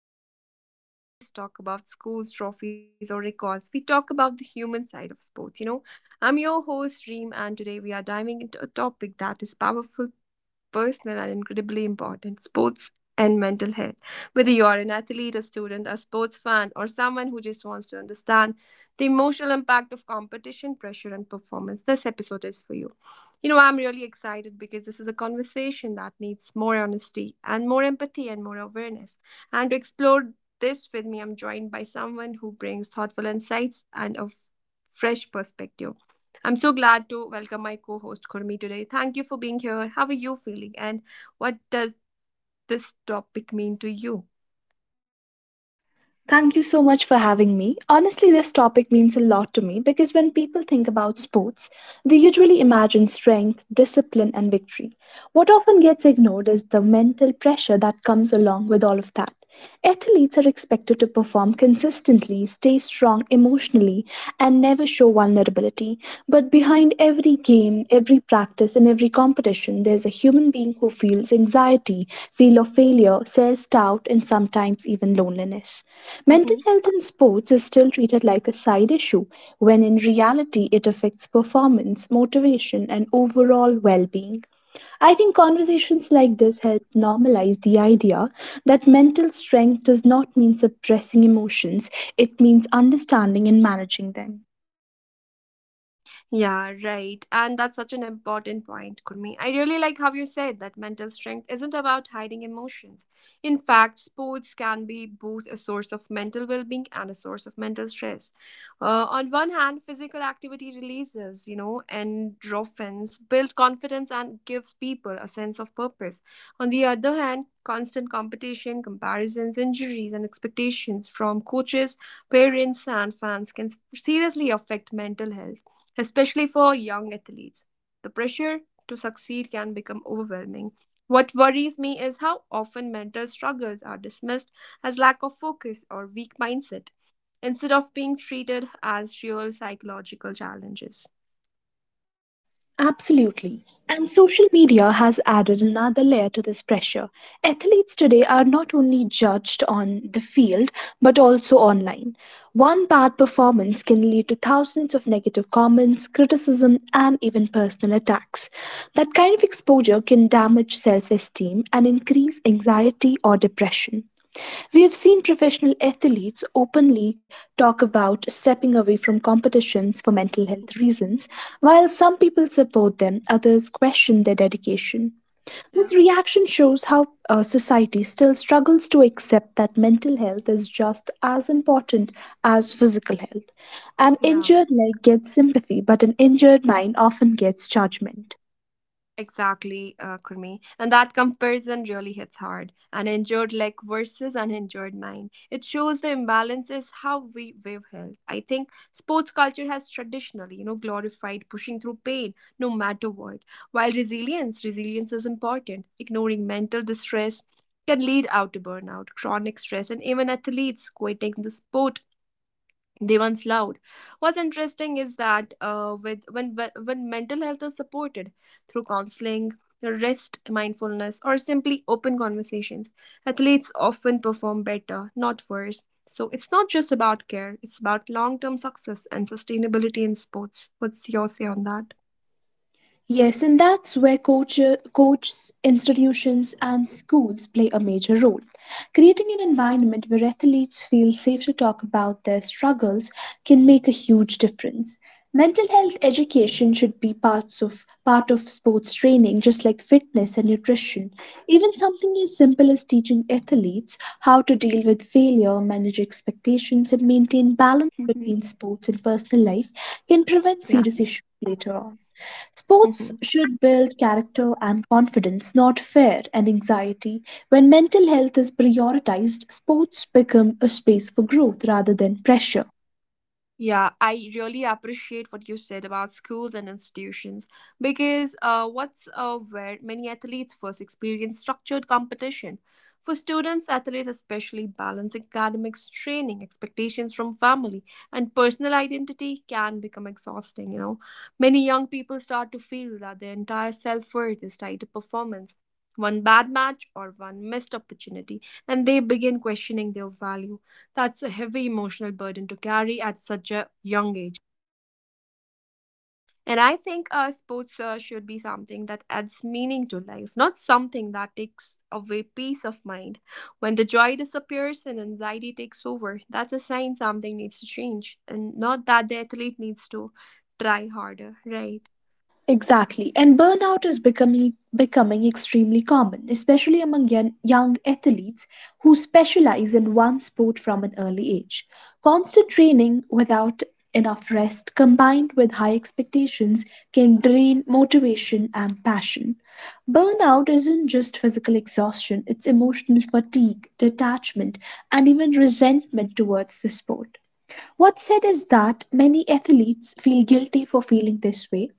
Game, the podcast where we don't just talk about scores, trophies, or records. We talk about the human side of sports. I'm your host Reem, and today we are diving into a topic that is powerful, personal are incredibly important. Sports and mental health. Whether you are an athlete, a student, a sports fan, or someone who just wants to understand the emotional impact of competition, pressure, and performance, this episode is for you. I'm really excited because this is a conversation that needs more honesty and more empathy and more awareness. And to explore this with me, I'm joined by someone who brings thoughtful insights and a fresh perspective. I'm so glad to welcome my co host Kurmi today. Thank you for being here. How are you feeling? And what does this topic mean to you? Thank you so much for having me. Honestly, this topic means a lot to me because when people think about sports, they usually imagine strength, discipline, and victory. What often gets ignored is the mental pressure that comes along with all of that. Athletes are expected to perform consistently, stay strong emotionally, and never show vulnerability. But behind every game, every practice, and every competition, there's a human being who feels anxiety, feel of failure, self doubt, and sometimes even loneliness. Mental health in sports is still treated like a side issue, when in reality, it affects performance, motivation, and overall well being. I think conversations like this help normalize the idea that mental strength does not mean suppressing emotions, it means understanding and managing them. Yeah, right. And that's such an important point, Kurmi. I really like how you said that mental strength isn't about hiding emotions. In fact, sports can be both a source of mental well being and a source of mental stress. On one hand, physical activity releases, endorphins, build confidence, and gives people a sense of purpose. On the other hand, constant competition, comparisons, injuries, and expectations from coaches, parents, and fans can seriously affect mental health especially for young athletes. The pressure to succeed can become overwhelming. What worries me is how often mental struggles are dismissed as lack of focus or weak mindset instead of being treated as real psychological challenges. Absolutely. And social media has added another layer to this pressure. Athletes today are not only judged on the field, but also online. One bad performance can lead to thousands of negative comments, criticism, and even personal attacks. That kind of exposure can damage self esteem and increase anxiety or depression. We have seen professional athletes openly talk about stepping away from competitions for mental Mhm. health reasons, while some people support them, others question their dedication. This Yeah. reaction shows how society still struggles to accept that mental health is just as important as physical health. An Yeah. injured leg gets sympathy, but an injured mind often gets judgment. Exactly, Kurmi. And that comparison really hits hard. An injured leg versus an injured mind. It shows the imbalances how we view health. I think sports culture has traditionally, glorified pushing through pain no matter what. While resilience is important. Ignoring mental distress can lead out to burnout, chronic stress, and even athletes quitting the sport they once loved. What's interesting is that with when mental health is supported through counseling, rest, mindfulness, or simply open conversations, athletes often perform better, not worse. So it's not just about care; it's about long-term success and sustainability in sports. What's your say on that? Yes, and that's where coaches, institutions, and schools play a major role. Creating an environment where athletes feel safe to talk about their struggles can make a huge difference. Mental health education should be part of sports training, just like fitness and nutrition. Even something as simple as teaching athletes how to deal with failure, manage expectations, and maintain balance Mhm. between sports and personal life can prevent Yeah. serious issues later on. Sports Mhm. should build character and confidence, not fear and anxiety. When mental health is prioritized, sports become a space for growth rather than pressure. Yeah, I really appreciate what you said about schools and institutions because what's where many athletes first experience structured competition. For students, athletes especially balance academics, training, expectations from family, and personal identity can become exhausting. Many young people start to feel that their entire self worth is tied to performance. One bad match or one missed opportunity, and they begin questioning their value. That's a heavy emotional burden to carry at such a young age. And I think sports should be something that adds meaning to life, not something that takes away peace of mind. When the joy disappears and anxiety takes over, that's a sign something needs to change, and not that the athlete needs to try harder, right? Exactly. And burnout is becoming extremely common, especially among young athletes who specialize in one sport from an early age. Constant training without enough rest combined with high expectations can drain motivation and passion. Burnout isn't just physical exhaustion, it's emotional fatigue, detachment, and even resentment towards the sport. What's said is that many athletes feel guilty for feeling this way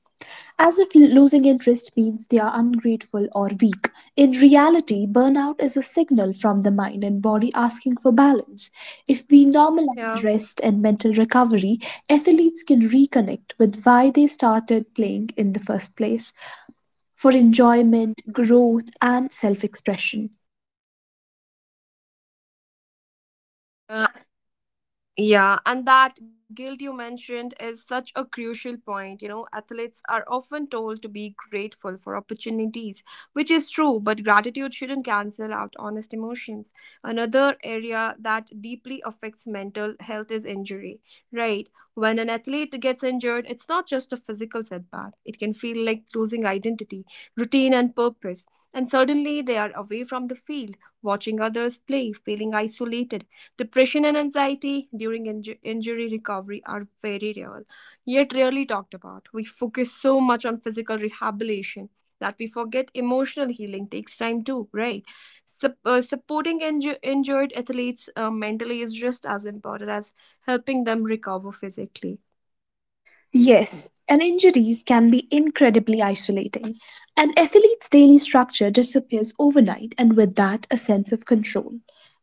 as if losing interest means they are ungrateful or weak. In reality, burnout is a signal from the mind and body asking for balance. If we normalize Yeah. rest and mental recovery, athletes can reconnect with why they started playing in the first place for enjoyment, growth, and self expression. Yeah, and that guilt you mentioned is such a crucial point. You know, athletes are often told to be grateful for opportunities, which is true, but gratitude shouldn't cancel out honest emotions. Another area that deeply affects mental health is injury, right? When an athlete gets injured, it's not just a physical setback, it can feel like losing identity, routine, and purpose. And suddenly they are away from the field, watching others play, feeling isolated. Depression and anxiety during injury recovery are very real, yet rarely talked about. We focus so much on physical rehabilitation that we forget emotional healing takes time too, right? Supporting injured athletes mentally is just as important as helping them recover physically. Yes, and injuries can be incredibly isolating. An athlete's daily structure disappears overnight, and with that, a sense of control.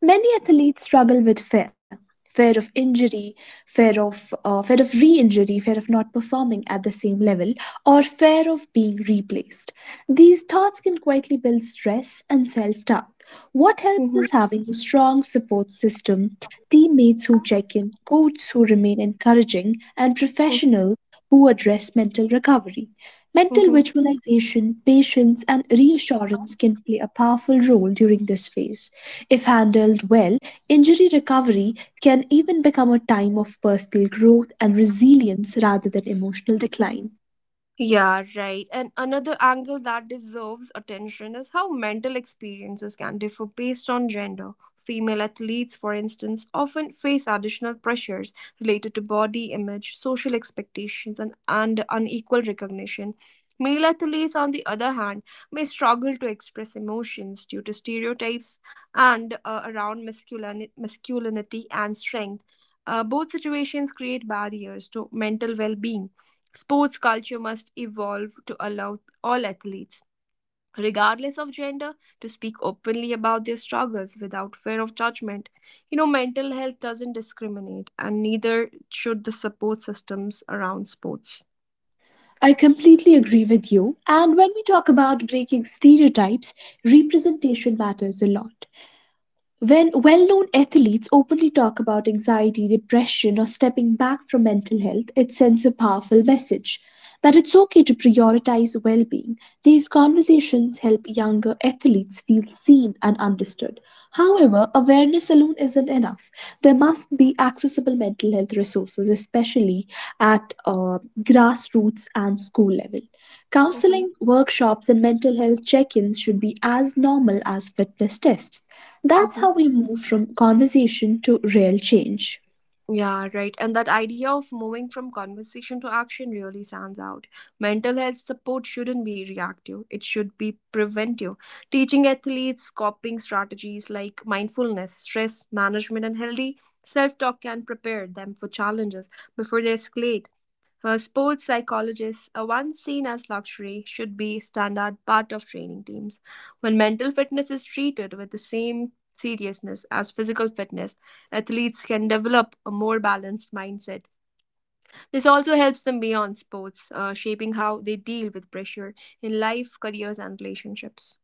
Many athletes struggle with fear, of injury, fear of re injury, fear of not performing at the same level, or fear of being replaced. These thoughts can quietly build stress and self doubt. What helps hmm is having a strong support system, teammates who check in, coaches who remain encouraging and professional who address mental recovery. Mental hmm visualization, patience, and reassurance can play a powerful role during this phase. If handled well, injury recovery can even become a time of personal growth and resilience rather than emotional decline. Yeah, right. And another angle that deserves attention is how mental experiences can differ based on gender. Female athletes, for instance, often face additional pressures related to body image, social expectations, and unequal recognition. Male athletes, on the other hand, may struggle to express emotions due to stereotypes and around masculinity and strength. Both situations create barriers to mental well being. Sports culture must evolve to allow all athletes, regardless of gender, to speak openly about their struggles without fear of judgment. You know, mental health doesn't discriminate, and neither should the support systems around sports. I completely agree with you. And when we talk about breaking stereotypes, representation matters a lot. When well known athletes openly talk about anxiety, depression, or stepping back from mental health, it sends a powerful message that it's okay to prioritize well being. These conversations help younger athletes feel seen and understood. However, awareness alone isn't enough. There must be accessible mental health resources, especially at grassroots and school level. Mhm, Counseling, workshops, and mental health check ins should be as normal as fitness tests. That's mhm. how we move from conversation to real change. Yeah, right. And that idea of moving from conversation to action really stands out. Mental health support shouldn't be reactive, it should be preventive. Teaching athletes coping strategies like mindfulness, stress management, and healthy self talk can prepare them for challenges before they escalate. Sports psychologists, once seen as luxury, should be standard part of training teams. When mental fitness is treated with the same seriousness as physical fitness, athletes can develop a more balanced mindset. This also helps them beyond sports, shaping how they deal with pressure in life, careers, and relationships.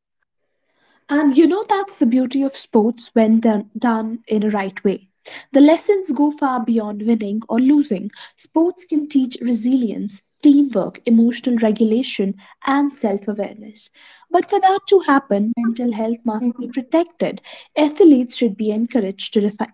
And you know, that's the beauty of sports when done in a right way. The lessons go far beyond winning or losing. Sports can teach resilience, teamwork, emotional regulation, and self awareness. But for that to happen, mental health must be Mhm, protected. Athletes should be encouraged to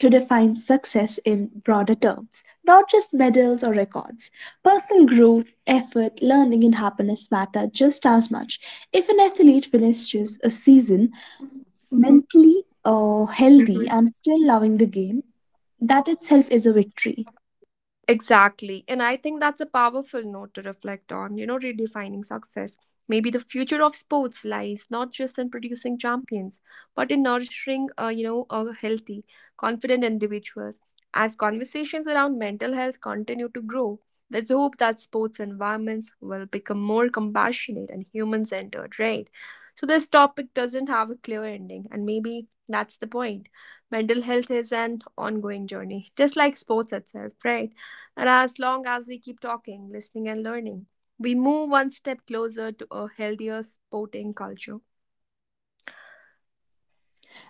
to define success in broader terms, not just medals or records. Personal growth, effort, learning, and happiness matter just as much. If an athlete finishes a season mhm, mentally healthy mhm. and still loving the game, that itself is a victory. Exactly. And I think that's a powerful note to reflect on, you know, redefining success. Maybe the future of sports lies not just in producing champions, but in nourishing, a healthy, confident individuals. As conversations around mental health continue to grow, there's hope that sports environments will become more compassionate and human centered, right? So, this topic doesn't have a clear ending, and maybe that's the point. Mental health is an ongoing journey, just like sports itself, right? And as long as we keep talking, listening, and learning, we move one step closer to a healthier sporting culture.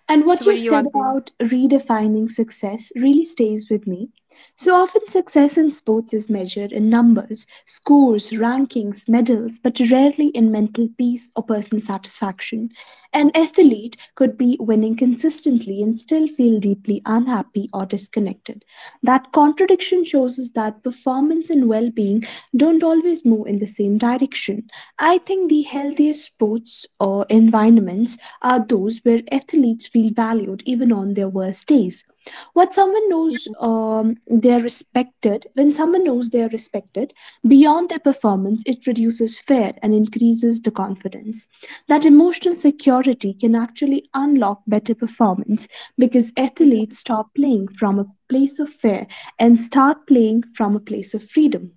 And So, what what you do you said want to? about redefining success really stays with me. So often, success in sports is measured in numbers, scores, rankings, medals, but rarely in mental peace or personal satisfaction. An athlete could be winning consistently and still feel deeply unhappy or disconnected. That contradiction shows us that performance and well being don't always move in the same direction. I think the healthiest sports or environments are those where athletes feel valued even on their worst days. What someone knows they're respected, when someone knows they're respected beyond their performance, it reduces fear and increases the confidence. That emotional security can actually unlock better performance because athletes stop playing from a place of fear and start playing from a place of freedom.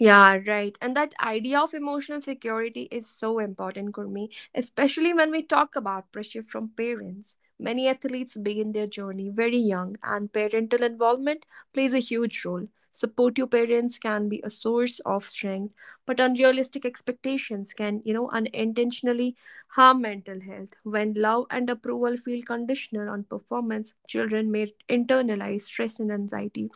Yeah, right. And that idea of emotional security is so important, Gurmeet, especially when we talk about pressure from parents. Many athletes begin their journey very young, and parental involvement plays a huge role. Supportive parents can be a source of strength, but unrealistic expectations can, you know, unintentionally harm mental health. When love and approval feel conditional on performance, children may internalize stress and anxiety.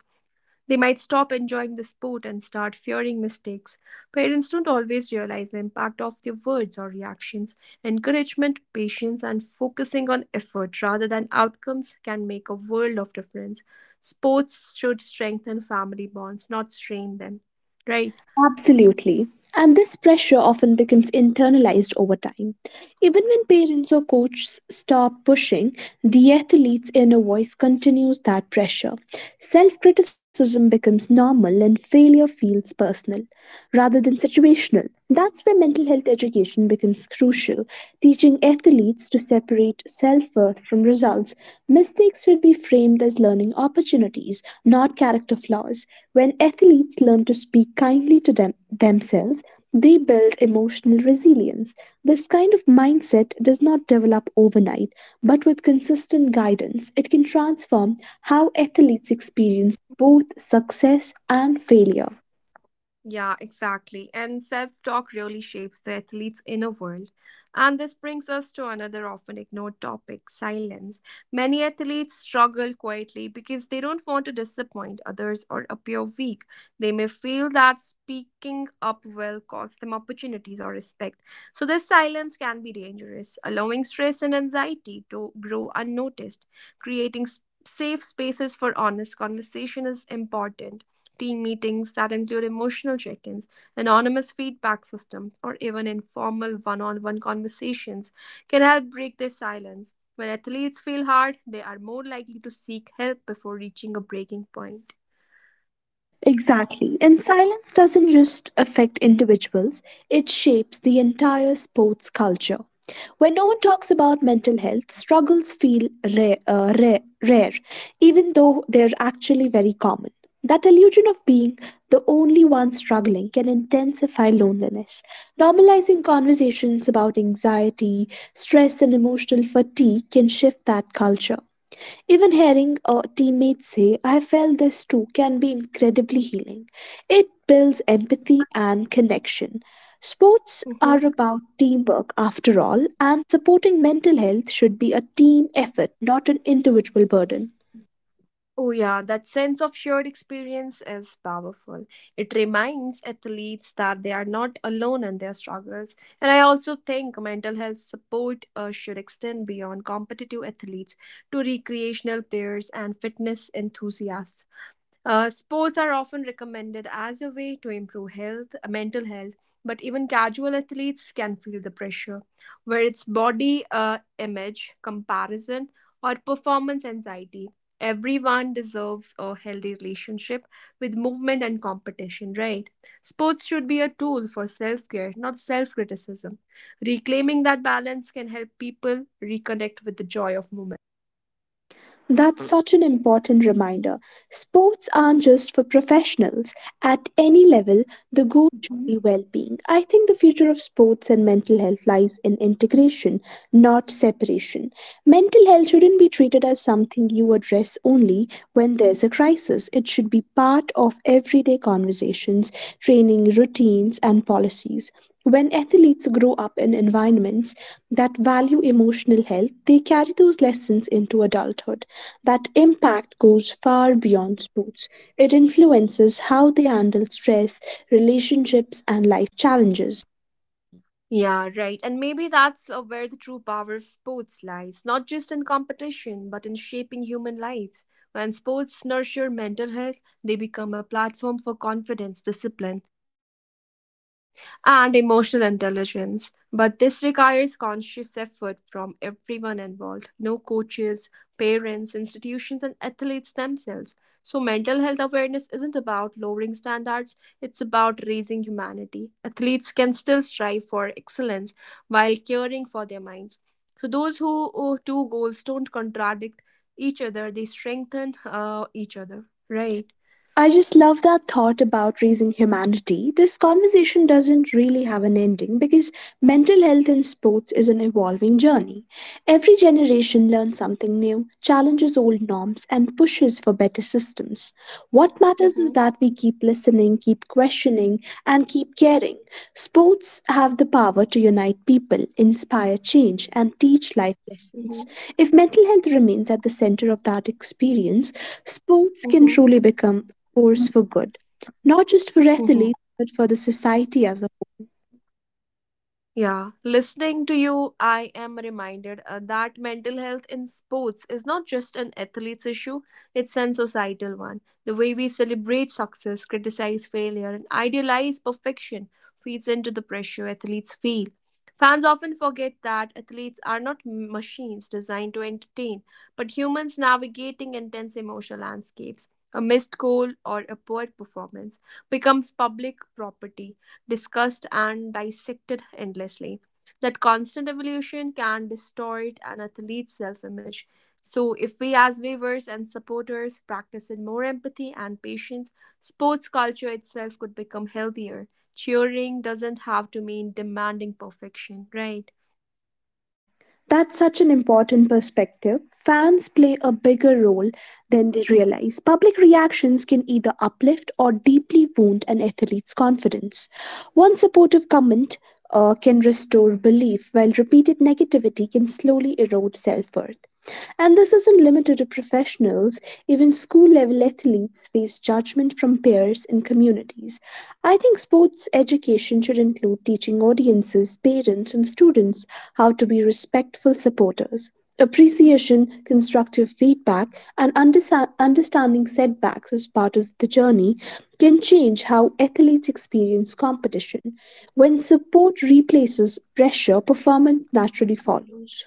They might stop enjoying the sport and start fearing mistakes. Parents don't always realize the impact of their words or reactions. Encouragement, patience, and focusing on effort rather than outcomes can make a world of difference. Sports should strengthen family bonds, not strain them. Right? Absolutely. And this pressure often becomes internalized over time. Even when parents or coaches stop pushing, the athlete's inner voice continues that pressure. Self criticism becomes normal and failure feels personal rather than situational. That's where mental health education becomes crucial, teaching athletes to separate self worth from results. Mistakes should be framed as learning opportunities, not character flaws because when athletes learn to speak kindly to themselves, they build emotional resilience. This kind of mindset does not develop overnight, but with consistent guidance, it can transform how athletes experience both success and failure. Yeah, exactly. And self talk really shapes the athlete's inner world. And this brings us to another often ignored topic: silence. Many athletes struggle quietly because they don't want to disappoint others or appear weak. They may feel that speaking up will cost them opportunities or respect. So, this silence can be dangerous, allowing stress and anxiety to grow unnoticed. Creating safe spaces for honest conversation is important: team meetings that include emotional check ins, anonymous feedback systems, or even informal one on one conversations can help break the silence. When athletes feel hard, they are more likely to seek help before reaching a breaking point. Exactly. And silence doesn't just affect individuals, it shapes the entire sports culture. When no one talks about mental health, struggles feel rare, even though they're actually very common. That illusion of being the only one struggling can intensify loneliness. Normalizing conversations about anxiety, stress, and emotional fatigue can shift that culture. Even hearing a teammate say, I felt this too, can be incredibly healing. It builds empathy and connection. Sports Mhm. are about teamwork after all, and supporting mental health should be a team effort, not an individual burden. Oh, yeah, that sense of shared experience is powerful. It reminds athletes that they are not alone in their struggles. And I also think mental health support should extend beyond competitive athletes to recreational players and fitness enthusiasts. Sports are often recommended as a way to improve health, mental health, but even casual athletes can feel the pressure, where it's body image, comparison, or performance anxiety. Everyone deserves a healthy relationship with movement and competition, right? Sports should be a tool for self care, not self criticism. Reclaiming that balance can help people reconnect with the joy of movement. That's such an important reminder. Sports aren't just for professionals. At any level, the goal should be well being. I think the future of sports and mental health lies in integration, not separation. Mental health shouldn't be treated as something you address only when there's a crisis. It should be part of everyday conversations, training routines, and policies. When athletes grow up in environments that value emotional health, they carry those lessons into adulthood. That impact goes far beyond sports. It influences how they handle stress, relationships, and life challenges. Yeah, right. And maybe that's where the true power of sports lies, not just in competition, but in shaping human lives. When sports nurture mental health, they become a platform for confidence, discipline, and emotional intelligence. But this requires conscious effort from everyone involved: no coaches, parents, institutions, and athletes themselves. So, mental health awareness isn't about lowering standards, it's about raising humanity. Athletes can still strive for excellence while caring for their minds. So, those who oh, two goals don't contradict each other, they strengthen each other, right? I just love that thought about raising humanity. This conversation doesn't really have an ending because mental health in sports is an evolving journey. Every generation learns something new, challenges old norms, and pushes for better systems. What matters is shows Mm-hmm, that we keep listening, keep questioning, and keep caring. Sports have the power to unite people, inspire change, and teach life mm-hmm, lessons. If mental health remains at the center of that experience, sports can mm-hmm, truly become a force for good, not just for Mm-hmm. athletes, but for the society as a Yeah, listening to you, I am reminded that mental health in sports is not just an athlete's issue, it's an societal one. The way we celebrate success, criticize failure, and idealize perfection feeds into the pressure athletes feel. Fans often forget that athletes are not machines designed to entertain, but humans navigating intense emotional landscapes. A missed goal or a poor performance becomes public property, discussed and dissected endlessly. That constant evolution can distort an athlete's self image. So, if we as viewers and supporters practiced more empathy and patience, sports culture itself could become healthier. Cheering doesn't have to mean demanding perfection, right? That's such an important perspective. Fans play a bigger role than they realize. Public reactions can either uplift or deeply wound an athlete's confidence. One supportive comment can restore belief, while repeated negativity can slowly erode self worth. And this isn't limited to professionals, even school level athletes face judgment from peers and communities. I think sports education should include teaching audiences, parents, and students how to be respectful supporters. Appreciation, constructive feedback, and understanding setbacks as part of the journey can change how athletes experience competition. When support replaces pressure, performance naturally follows.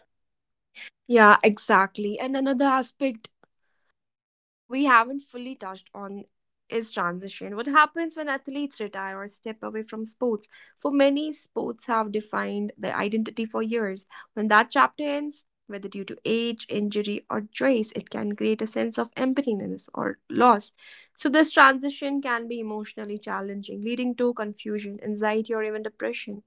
Yeah, exactly. And another aspect we haven't fully touched on is transition. What happens when athletes retire or step away from sports? For many, sports have defined their identity for years. When that chapter ends, whether due to age, injury, or trace, it can create a sense of emptiness or loss. So, this transition can be emotionally challenging, leading to confusion, anxiety, or even depression.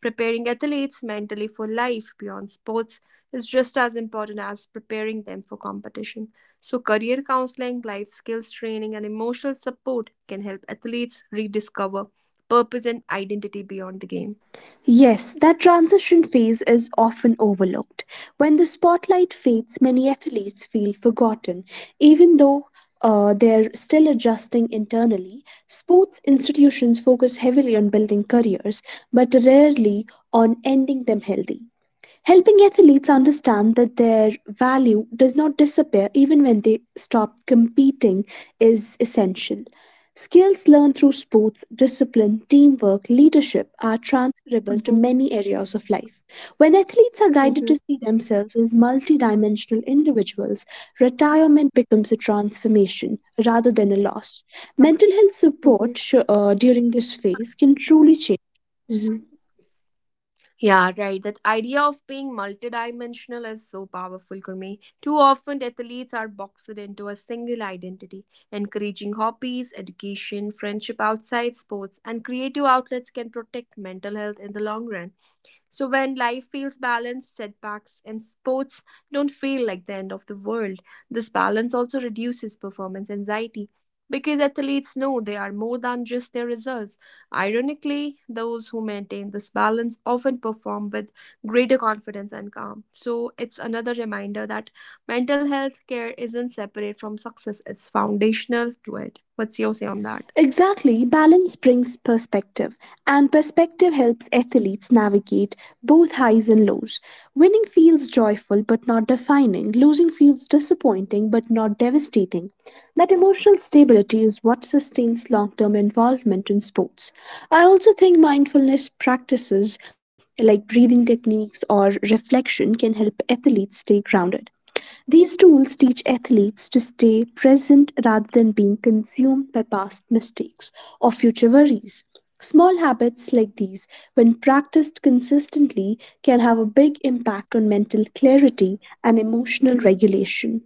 Preparing athletes mentally for life beyond sports is just as important as preparing them for competition. So, career counseling, life skills training, and emotional support can help athletes rediscover purpose and identity beyond the game. Yes, that transition phase is often overlooked. When the spotlight fades, many athletes feel forgotten. Even though they're still adjusting internally, sports institutions focus heavily on building careers, but rarely on ending them healthy helping athletes understand that their value does not disappear even when they stop competing is essential. Skills learned through sports, discipline, teamwork, leadership are transferable to Mhm, many areas of life. When athletes are guided mhm, to see themselves as multidimensional individuals, retirement becomes a transformation rather than a loss. Mental health mhm, support sh- during this phase can truly change. mhm. Yeah, right. That idea of being multidimensional is so powerful, Gurmeet. Too often, athletes are boxed into a single identity. Encouraging hobbies, education, friendship outside sports, and creative outlets can protect mental health in the long run. So when life feels balanced, setbacks and sports don't feel like the end of the world. This balance also reduces performance anxiety because athletes know they are more than just their results. Ironically, those who maintain this balance often perform with greater confidence and calm. So it's another reminder that mental health care isn't separate from success, it's foundational to it. What's your say on that? Exactly, balance brings perspective, and perspective helps athletes navigate both highs and lows. Winning feels joyful but not defining, losing feels disappointing but not devastating. That emotional stability is what sustains long term involvement in sports. I also think mindfulness practices like breathing techniques or reflection can help athletes stay grounded. These tools teach athletes to stay present rather than being consumed by past mistakes or future worries. Small habits like these, when practiced consistently, can have a big impact on mental clarity and emotional regulation.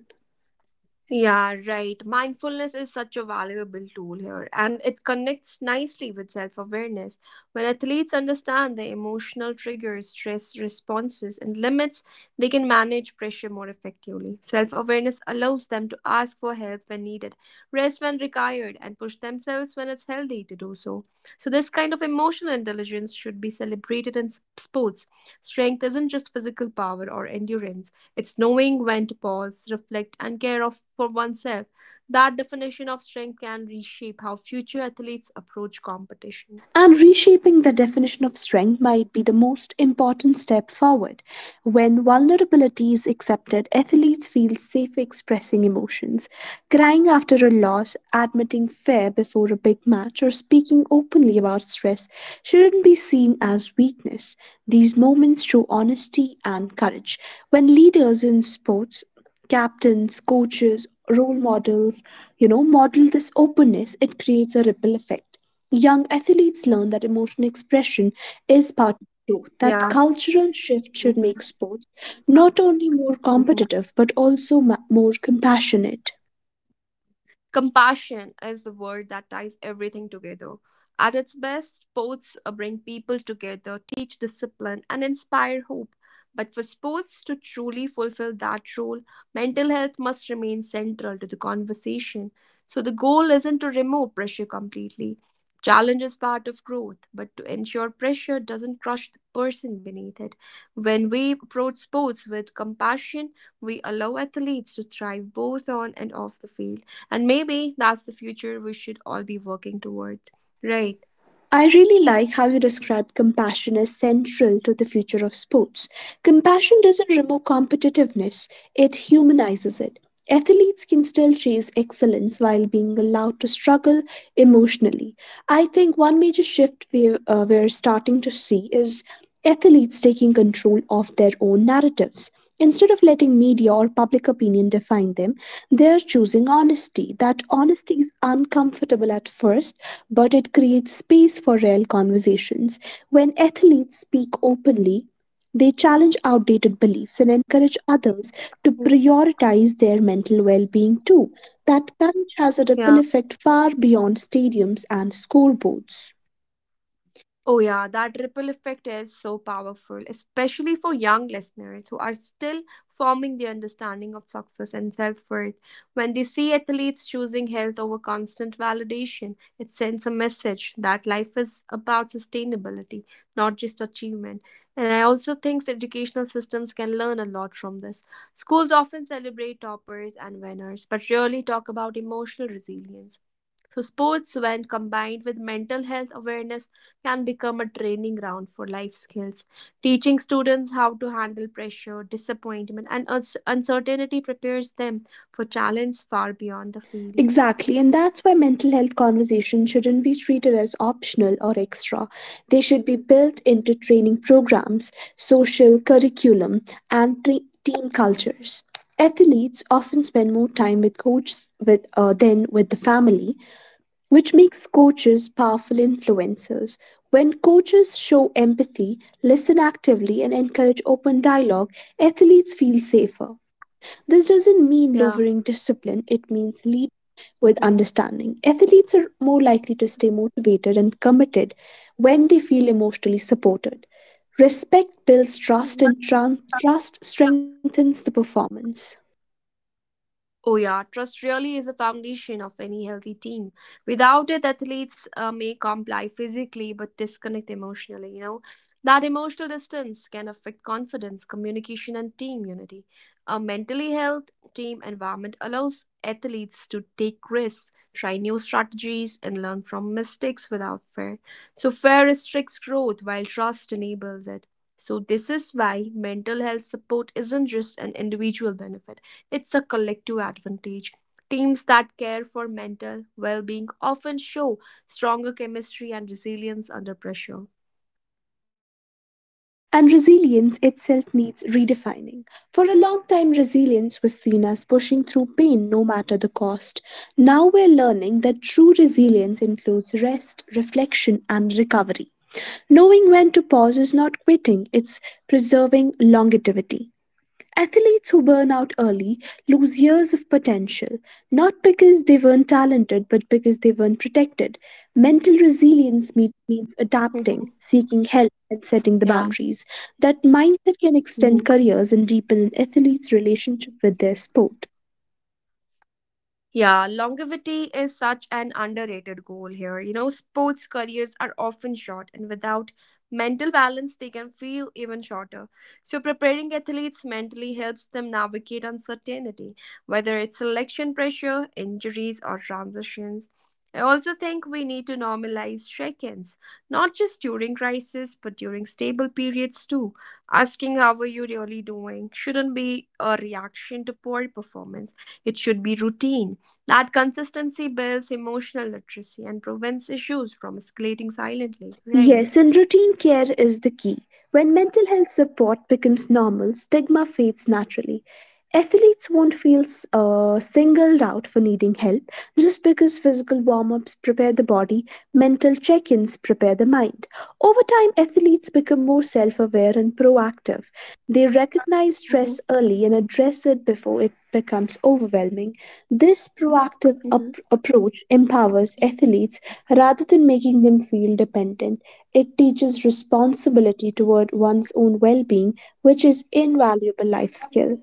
Yeah, right. Mindfulness is such a valuable tool here, and it connects nicely with self awareness. When athletes understand their emotional triggers, stress responses, and limits, they can manage pressure more effectively. Self awareness allows them to ask for help when needed, rest when required, and push themselves when it's healthy to do so. So, this kind of emotional intelligence should be celebrated in sports. Strength isn't just physical power or endurance. It's knowing when to pause, reflect, and care of for oneself. That definition of strength can reshape how future athletes approach competition. And reshaping the definition of strength might be the most important step forward. When vulnerability is accepted, athletes feel safe expressing emotions. Crying after a loss, admitting fear before a big match, or speaking openly about stress shouldn't be seen as weakness. These moments show honesty and courage. When leaders in sports, captains, coaches, role models, model this openness, it creates a ripple effect. Young athletes learn that emotional expression is part of growth, that Yeah. cultural shift should Mhm. make sports not only more Mhm. competitive but also more compassionate. Compassion is the word that ties everything together. At its best, sports bring people together, teach discipline, and inspire hope. But for sports to truly fulfill that role, mental health must remain central to the conversation. So the goal isn't to remove pressure completely. Challenge is part of growth, but to ensure pressure doesn't crush the person beneath it. When we approach sports with compassion, we allow athletes to thrive both on and off the field. And maybe that's the future we should all be working toward. Right. I really like how you described compassion as central to the future of sports. Compassion doesn't remove competitiveness, it humanizes it. Athletes can still chase excellence while being allowed to struggle emotionally. I think one major shift we're starting to see is athletes taking control of their own narratives. Instead of letting media or public opinion define them, they are choosing honesty. That honesty is uncomfortable at first, but it creates space for real conversations. When athletes speak openly, they challenge outdated beliefs and encourage others to prioritize their mental well being too. That courage has a ripple Yeah. effect far beyond stadiums and scoreboards. Oh, yeah, that ripple effect is so powerful, especially for young listeners who are still forming their understanding of success and self worth. When they see athletes choosing health over constant validation, it sends a message that life is about sustainability, not just achievement. And I also think educational systems can learn a lot from this. Schools often celebrate toppers and winners, but rarely talk about emotional resilience. So, sports, when combined with mental health awareness, can become a training ground for life skills, teaching students how to handle pressure, disappointment, and uncertainty prepares them for challenges far beyond the field. Exactly, and that's why mental health conversations shouldn't be treated as optional or extra. They should be built into training programs, social curriculum, and team cultures. Athletes often spend more time with coaches than with the family, which makes coaches powerful influencers. When coaches show empathy, listen actively, and encourage open dialogue, athletes feel safer. This doesn't mean Yeah. lowering discipline, it means leading with Mhm. understanding. Athletes are more likely to stay motivated and committed when they feel emotionally supported. Respect builds trust, Mhm. and trust strengthens the performance. Oh, yeah, trust really is the foundation of any healthy team. Without it, athletes may comply physically but disconnect emotionally. You know, that emotional distance can affect confidence, communication, and team unity. A mentally health team environment allows athletes to take risks, try new strategies, and learn from mistakes without fear. So, fear restricts growth while trust enables it. So, this is why mental health support isn't just an individual benefit, it's a collective advantage. Teams that care for mental well being often show stronger chemistry and resilience under pressure. And resilience itself needs redefining. For a long time, resilience was seen as pushing through pain no matter the cost. Now we're learning that true resilience includes rest, reflection, and recovery. Knowing when to pause is not quitting, it's preserving longevity. Athletes who burn out early lose years of potential, not because they weren't talented, but because they weren't protected. Mental resilience means adapting, Mhm. seeking help, and setting the Yeah. boundaries. That mindset can extend Mhm. careers and deepen an athlete's relationship with their sport. Yeah, longevity is such an underrated goal here. You know, sports careers are often short, and without mental balance, they can feel even shorter. So, preparing athletes mentally helps them navigate uncertainty, whether it's selection pressure, injuries, or transitions. I also think we need to normalize check ins, not just during crisis, but during stable periods too. Asking how are you really doing shouldn't be a reaction to poor performance, it should be routine. That consistency builds emotional literacy and prevents issues from escalating silently, right? Yes, and routine care is the key. When mental health support becomes normal, stigma fades naturally. Athletes won't feel singled out for needing help. Just because physical warm ups prepare the body, mental check ins prepare the mind. Over time, athletes become more self aware and proactive. They recognize stress Mhm, early and address it before it becomes overwhelming. This proactive mhm. Approach empowers athletes rather than making them feel dependent. It teaches responsibility toward one's own well being, which is invaluable life skill.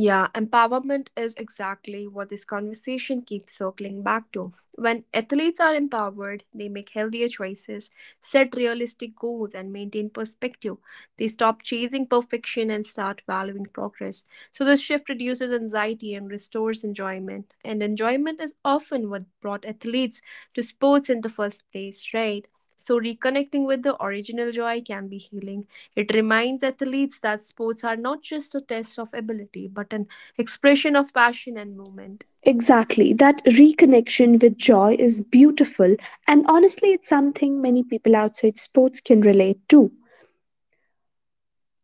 Yeah, empowerment is exactly what this conversation keeps circling back to. When athletes are empowered, they make healthier choices, set realistic goals, and maintain perspective. They stop chasing perfection and start valuing progress. So, this shift reduces anxiety and restores enjoyment. And enjoyment is often what brought athletes to sports in the first place, right? So, reconnecting with the original joy can be healing. It reminds athletes that sports are not just a test of ability, but an expression of passion and movement. Exactly. That reconnection with joy is beautiful, and honestly, it's something many people outside sports can relate to.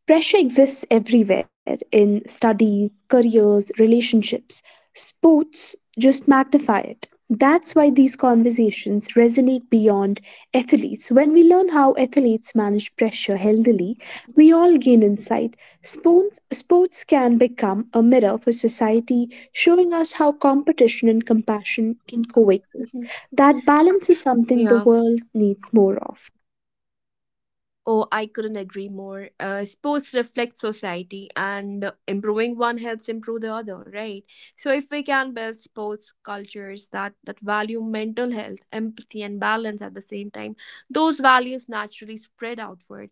Pressure exists everywhere in studies, careers, relationships. Sports just magnify it. That's why these conversations resonate beyond athletes. When we learn how athletes manage pressure healthily, we all gain insight. Sports can become a mirror for society, showing us how competition and compassion can coexist. Mhm. That balance is something the Yeah. world needs more of. Oh, I couldn't agree more. Sports reflect society, and improving one helps improve the other, right? So, if we can build sports cultures that value mental health, empathy, and balance at the same time, those values naturally spread outward.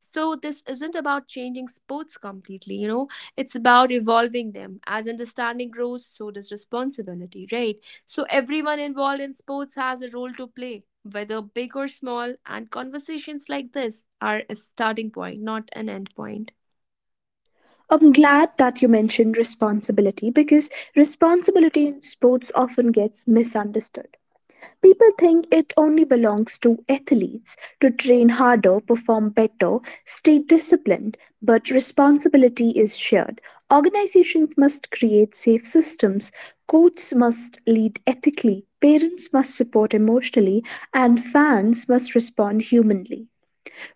So, this isn't about changing sports completely, you know, it's about evolving them. As understanding grows, so does responsibility, right? So everyone involved in sports has a role to play, whether big or small, and conversations like this are a starting point, not an end point. I'm glad that you mentioned responsibility because responsibility in sports often gets misunderstood. People think it only belongs to athletes to train harder, perform better, stay disciplined, but responsibility is shared. Organizations must create safe systems, coaches must lead ethically, parents must support emotionally, and fans must respond humanly.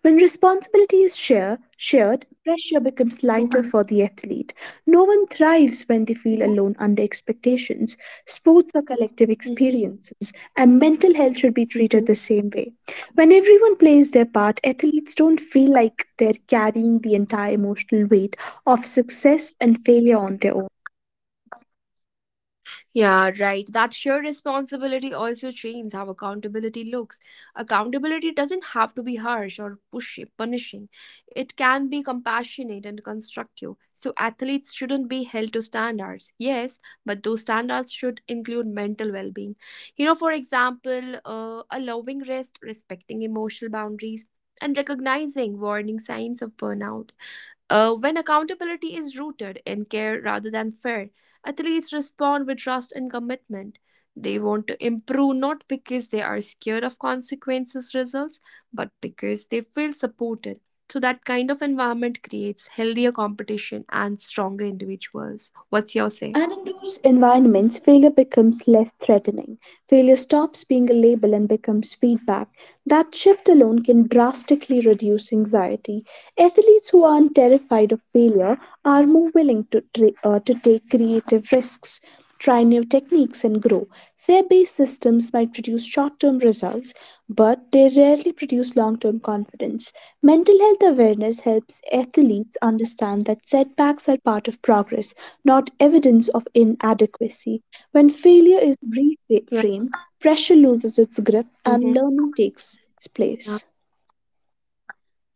When responsibility is shared, pressure becomes lighter Mhm, for the athlete. No one thrives when they feel mhm, alone under expectations. Sports are collective mhm. experiences, and mental health should be treated the same way. When everyone plays their part, athletes don't feel like they're carrying the entire emotional weight of success and failure on their own. Yeah, right. That shared responsibility also changes how accountability looks. Accountability doesn't have to be harsh or pushy, punishing. It can be compassionate and constructive. So athletes shouldn't be held to standards. Yes, but those standards should include mental well-being. You know, for example, allowing rest, respecting emotional boundaries, and recognizing warning signs of burnout. When accountability is rooted in care rather than fear, athletes respond with trust and commitment. They want to improve not because they are scared of consequences results, but because they feel supported. So that kind of environment creates healthier competition and stronger individuals. What's your say? And in those environments, failure becomes less threatening. Failure stops being a label and becomes feedback. That shift alone can drastically reduce anxiety. Athletes who aren't terrified of failure are more willing to take creative risks. Try new techniques and grow. Fear based systems might produce short term results, but they rarely produce long term confidence. Mental health awareness helps athletes understand that setbacks are part of progress, not evidence of inadequacy. When failure is Yeah. reframed, pressure loses its grip and Mhm. learning takes its place.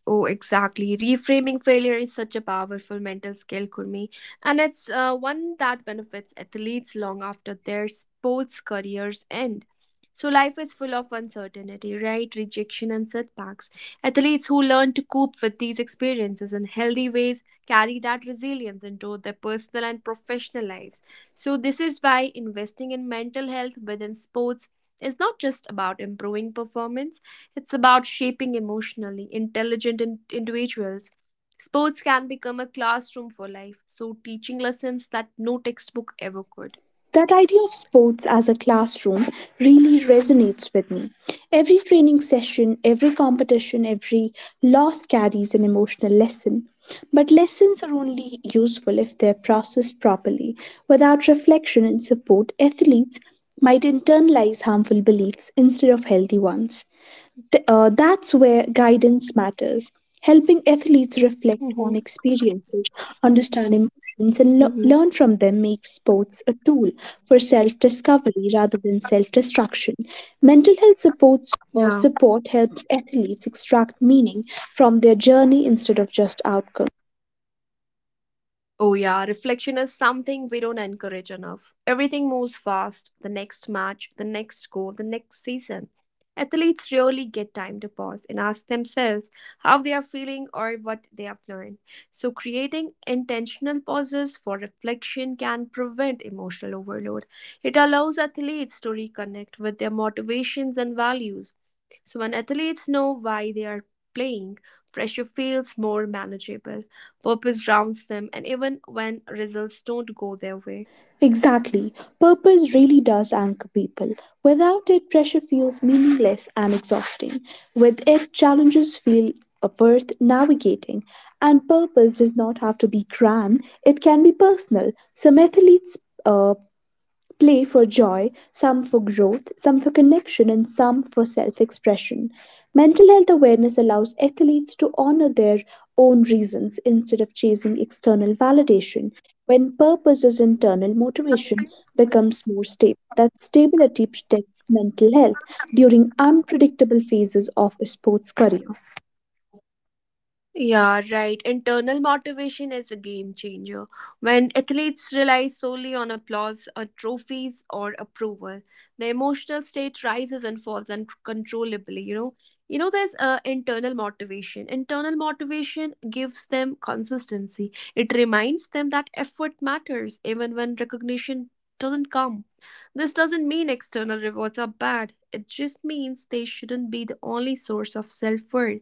Oh, exactly. Reframing failure is such a powerful mental skill, Kurmi, and it's one that benefits athletes long after their sports careers end. So, life is full of uncertainty, right? Rejection and setbacks. Athletes who learn to cope with these experiences in healthy ways carry that resilience into their personal and professional lives. So, this is why investing in mental health within sports is not just about improving performance. It's about shaping emotionally intelligent individuals. Sports can become a classroom for life, so teaching lessons that no textbook ever could. That idea of sports as a classroom really resonates with me. Every training session, every competition, every loss carries an emotional lesson. But lessons are only useful if they're processed properly. Without reflection and support, athletes might internalize harmful beliefs instead of healthy ones. That's where guidance matters, helping athletes reflect on Mm-hmm. experiences, understand emotions, and Mm-hmm. learn from them makes sports a tool for self discovery rather than self destruction. Mental health supports or Yeah. support helps athletes extract meaning from their journey instead of just outcomes. Oh, yeah, reflection is something we don't encourage enough. Everything moves fast the next match, the next goal, the next season. Athletes rarely get time to pause and ask themselves how they are feeling or what they have learned. So, creating intentional pauses for reflection can prevent emotional overload. It allows athletes to reconnect with their motivations and values. So when athletes know why they are playing, pressure feels more manageable, purpose grounds them, and even when results don't go their way. Exactly. Purpose really does anchor people. Without it, pressure feels meaningless and exhausting. With it, challenges feel worth navigating. And purpose does not have to be grand, it can be personal. Some athletes' uh, play for joy, some for growth, some for connection, and some for self expression. Mental health awareness allows athletes to honor their own reasons instead of chasing external validation. When purpose is internal, motivation becomes more stable. That stability protects mental health during unpredictable phases of a sports career. Yeah, right. Internal motivation is a game changer. When athletes rely solely on applause or trophies or approval, the emotional state rises and falls uncontrollably. You know, there's Internal motivation. Internal motivation gives them consistency. It reminds them that effort matters even when recognition doesn't come. This doesn't mean external rewards are bad. It just means they shouldn't be the only source of self worth.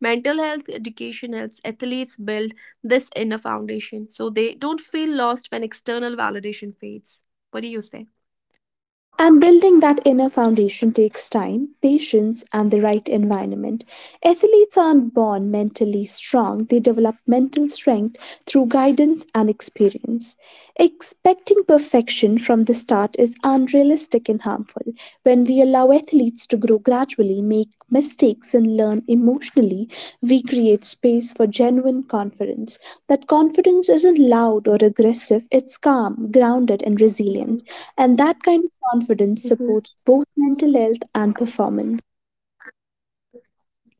Mental health education helps athletes build this inner foundation so they don't feel lost when external validation fades. What do you say? And building that inner foundation takes time, patience, and the right environment. Athletes aren't born mentally strong, they develop mental strength through guidance and experience. Expecting perfection from the start is unrealistic and harmful. When we allow athletes to grow gradually, make mistakes, and learn emotionally, we create space for genuine confidence. That confidence isn't loud or aggressive, it's calm, grounded, and Mhm, resilient. And that kind of confidence mhm. supports both mental health and performance.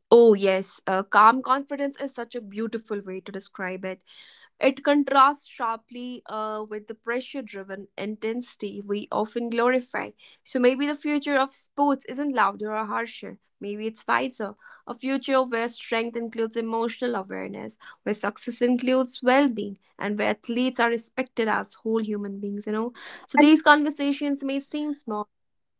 Oh, yes. Calm confidence is such a beautiful way to describe it. It contrasts sharply with the pressure driven intensity we often glorify. So maybe the future of sports isn't louder or harsher. Maybe it's wiser. A future where strength includes emotional awareness, where success includes well being, and where athletes are respected as whole human beings, you know. So these conversations may seem small,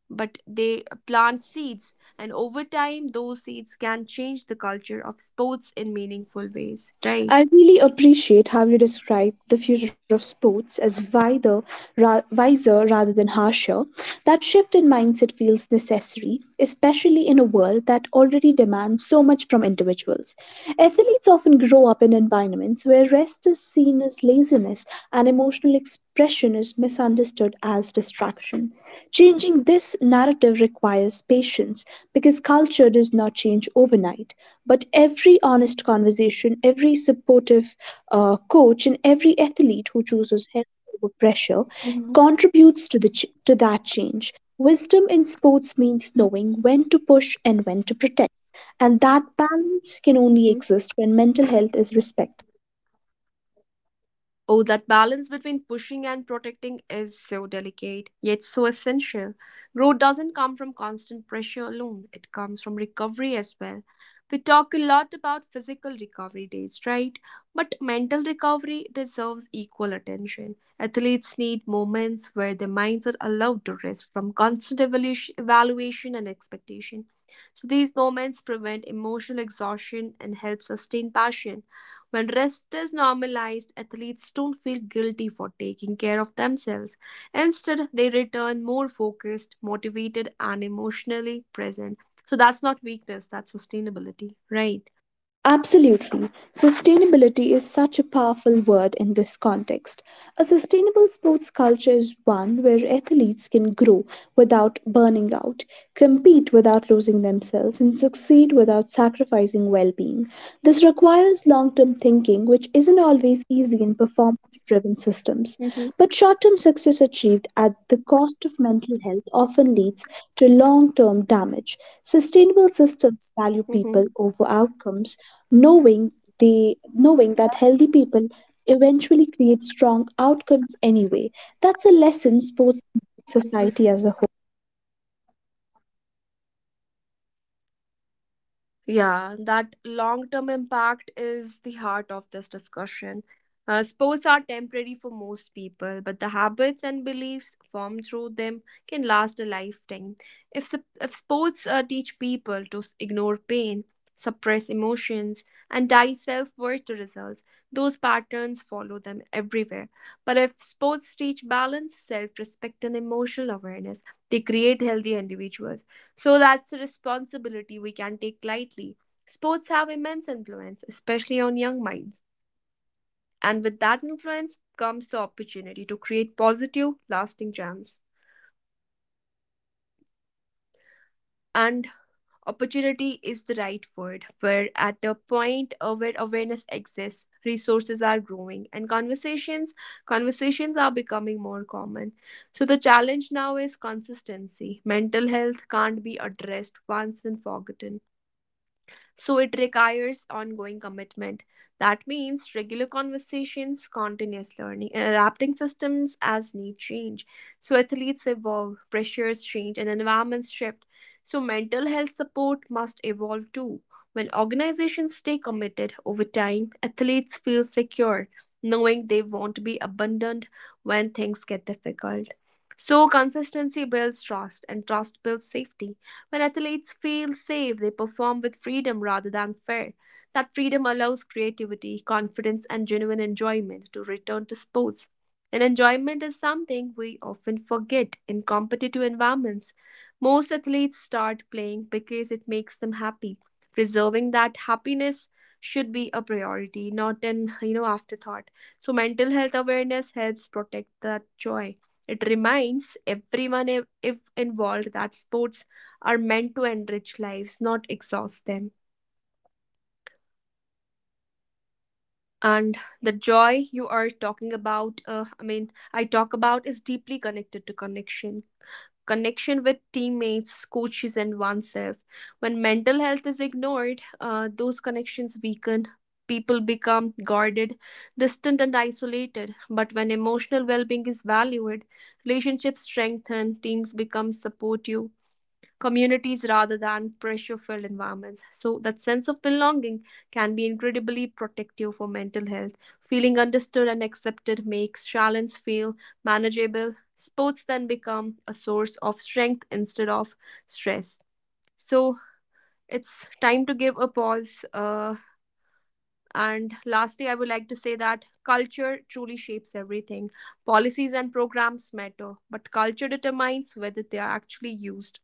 but they plant seeds, and over time, those seeds can change the culture of sports in meaningful ways, right? I really appreciate how you describe the future of sports as wider, wiser rather than harsher. That shift in mindset feels necessary, especially in a world that already demands so much from individuals. Athletes often grow up in environments where rest is seen as laziness and emotional expression is misunderstood as distraction. Changing this narrative requires patience because culture does not change overnight. But every honest conversation, every supportive coach, and every athlete who chooses health over pressure Mm-hmm. contributes to that change. Wisdom in sports means knowing when to push and when to protect, and that balance can only exist when mental health is respected. Oh, that balance between pushing and protecting is so delicate, yet so essential. Growth doesn't come from constant pressure alone, it comes from recovery as well. We talk a lot about physical recovery days, right? But mental recovery deserves equal attention. Athletes need moments where their minds are allowed to rest from constant evaluation and expectation. So these moments prevent emotional exhaustion and help sustain passion. When rest is normalized, athletes don't feel guilty for taking care of themselves. Instead, they return more focused, motivated, and emotionally present. So that's not weakness, that's sustainability, right? Absolutely. Sustainability is such a powerful word in this context. A sustainable sports culture is one where athletes can grow without burning out, compete without losing themselves, and succeed without sacrificing well being. This requires long term thinking, which isn't always easy in performance driven systems. Mm-hmm, But short term success achieved at the cost of mental health often leads to long term damage. Sustainable systems value mm-hmm. people over outcomes knowing the knowing that healthy people eventually create strong outcomes anyway. That's a lesson sports teach society as a whole. Yeah, that long term impact is the heart of this discussion. Sports are temporary for most people, but the habits and beliefs formed through them can last a lifetime. If sports teach people to ignore pain, suppress emotions, and tie self worth to results, those patterns follow them everywhere. But if sports teach balance, self respect, and emotional awareness, they create healthy individuals. So that's a responsibility we can take lightly. Sports have immense influence, especially on young minds. And with that influence comes the opportunity to create positive, lasting change. And opportunity is the right word, where at the point of where awareness exists, resources are growing and conversations are becoming more common. So the challenge now is consistency. Mental health can't be addressed once and forgotten. So it requires ongoing commitment. That means regular conversations, continuous learning, and adapting systems as need change. So athletes evolve, pressures change, and environments shift. So mental health support must evolve too. When organizations stay committed over time, athletes feel secure, knowing they won't be abandoned when things get difficult. So, consistency builds trust, and trust builds safety. When athletes feel safe, they perform with freedom rather than fear. That freedom allows creativity, confidence, and genuine enjoyment to return to sports. And enjoyment is something we often forget in competitive environments. Most athletes start playing because it makes them happy. Preserving that happiness should be a priority, not an afterthought. So mental health awareness helps protect that joy. It reminds everyone if involved that sports are meant to enrich lives, not exhaust them. And the joy you are talking about, I talk about is deeply connected to connection. Connection with teammates, coaches, and oneself. When mental health is ignored, those connections weaken. People become guarded, distant, and isolated. But when emotional well being is valued, relationships strengthen, teams become supportive, communities rather than pressure filled environments. So, that sense of belonging can be incredibly protective for mental health. Feeling understood and accepted makes challenges feel manageable. Sports then become a source of strength instead of stress. So, it's time to give a pause. And lastly, I would like to say that culture truly shapes everything. Policies and programs matter, but culture determines whether they are actually used.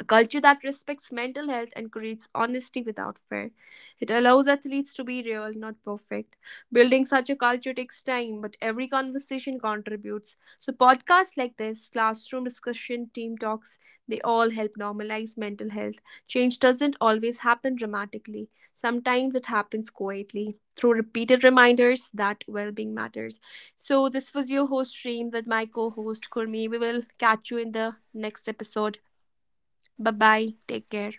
A culture that respects mental health and encourages honesty without fear. It allows athletes to be real, not perfect. Building such a culture takes time, but every conversation contributes. So, podcasts like this, classroom discussion, team talks, they all help normalize mental health. Change doesn't always happen dramatically, sometimes it happens quietly through repeated reminders that well being matters. So, this was your host, Stream, with my co host, Kurmi. We will catch you in the next episode. Bye bye. Take care.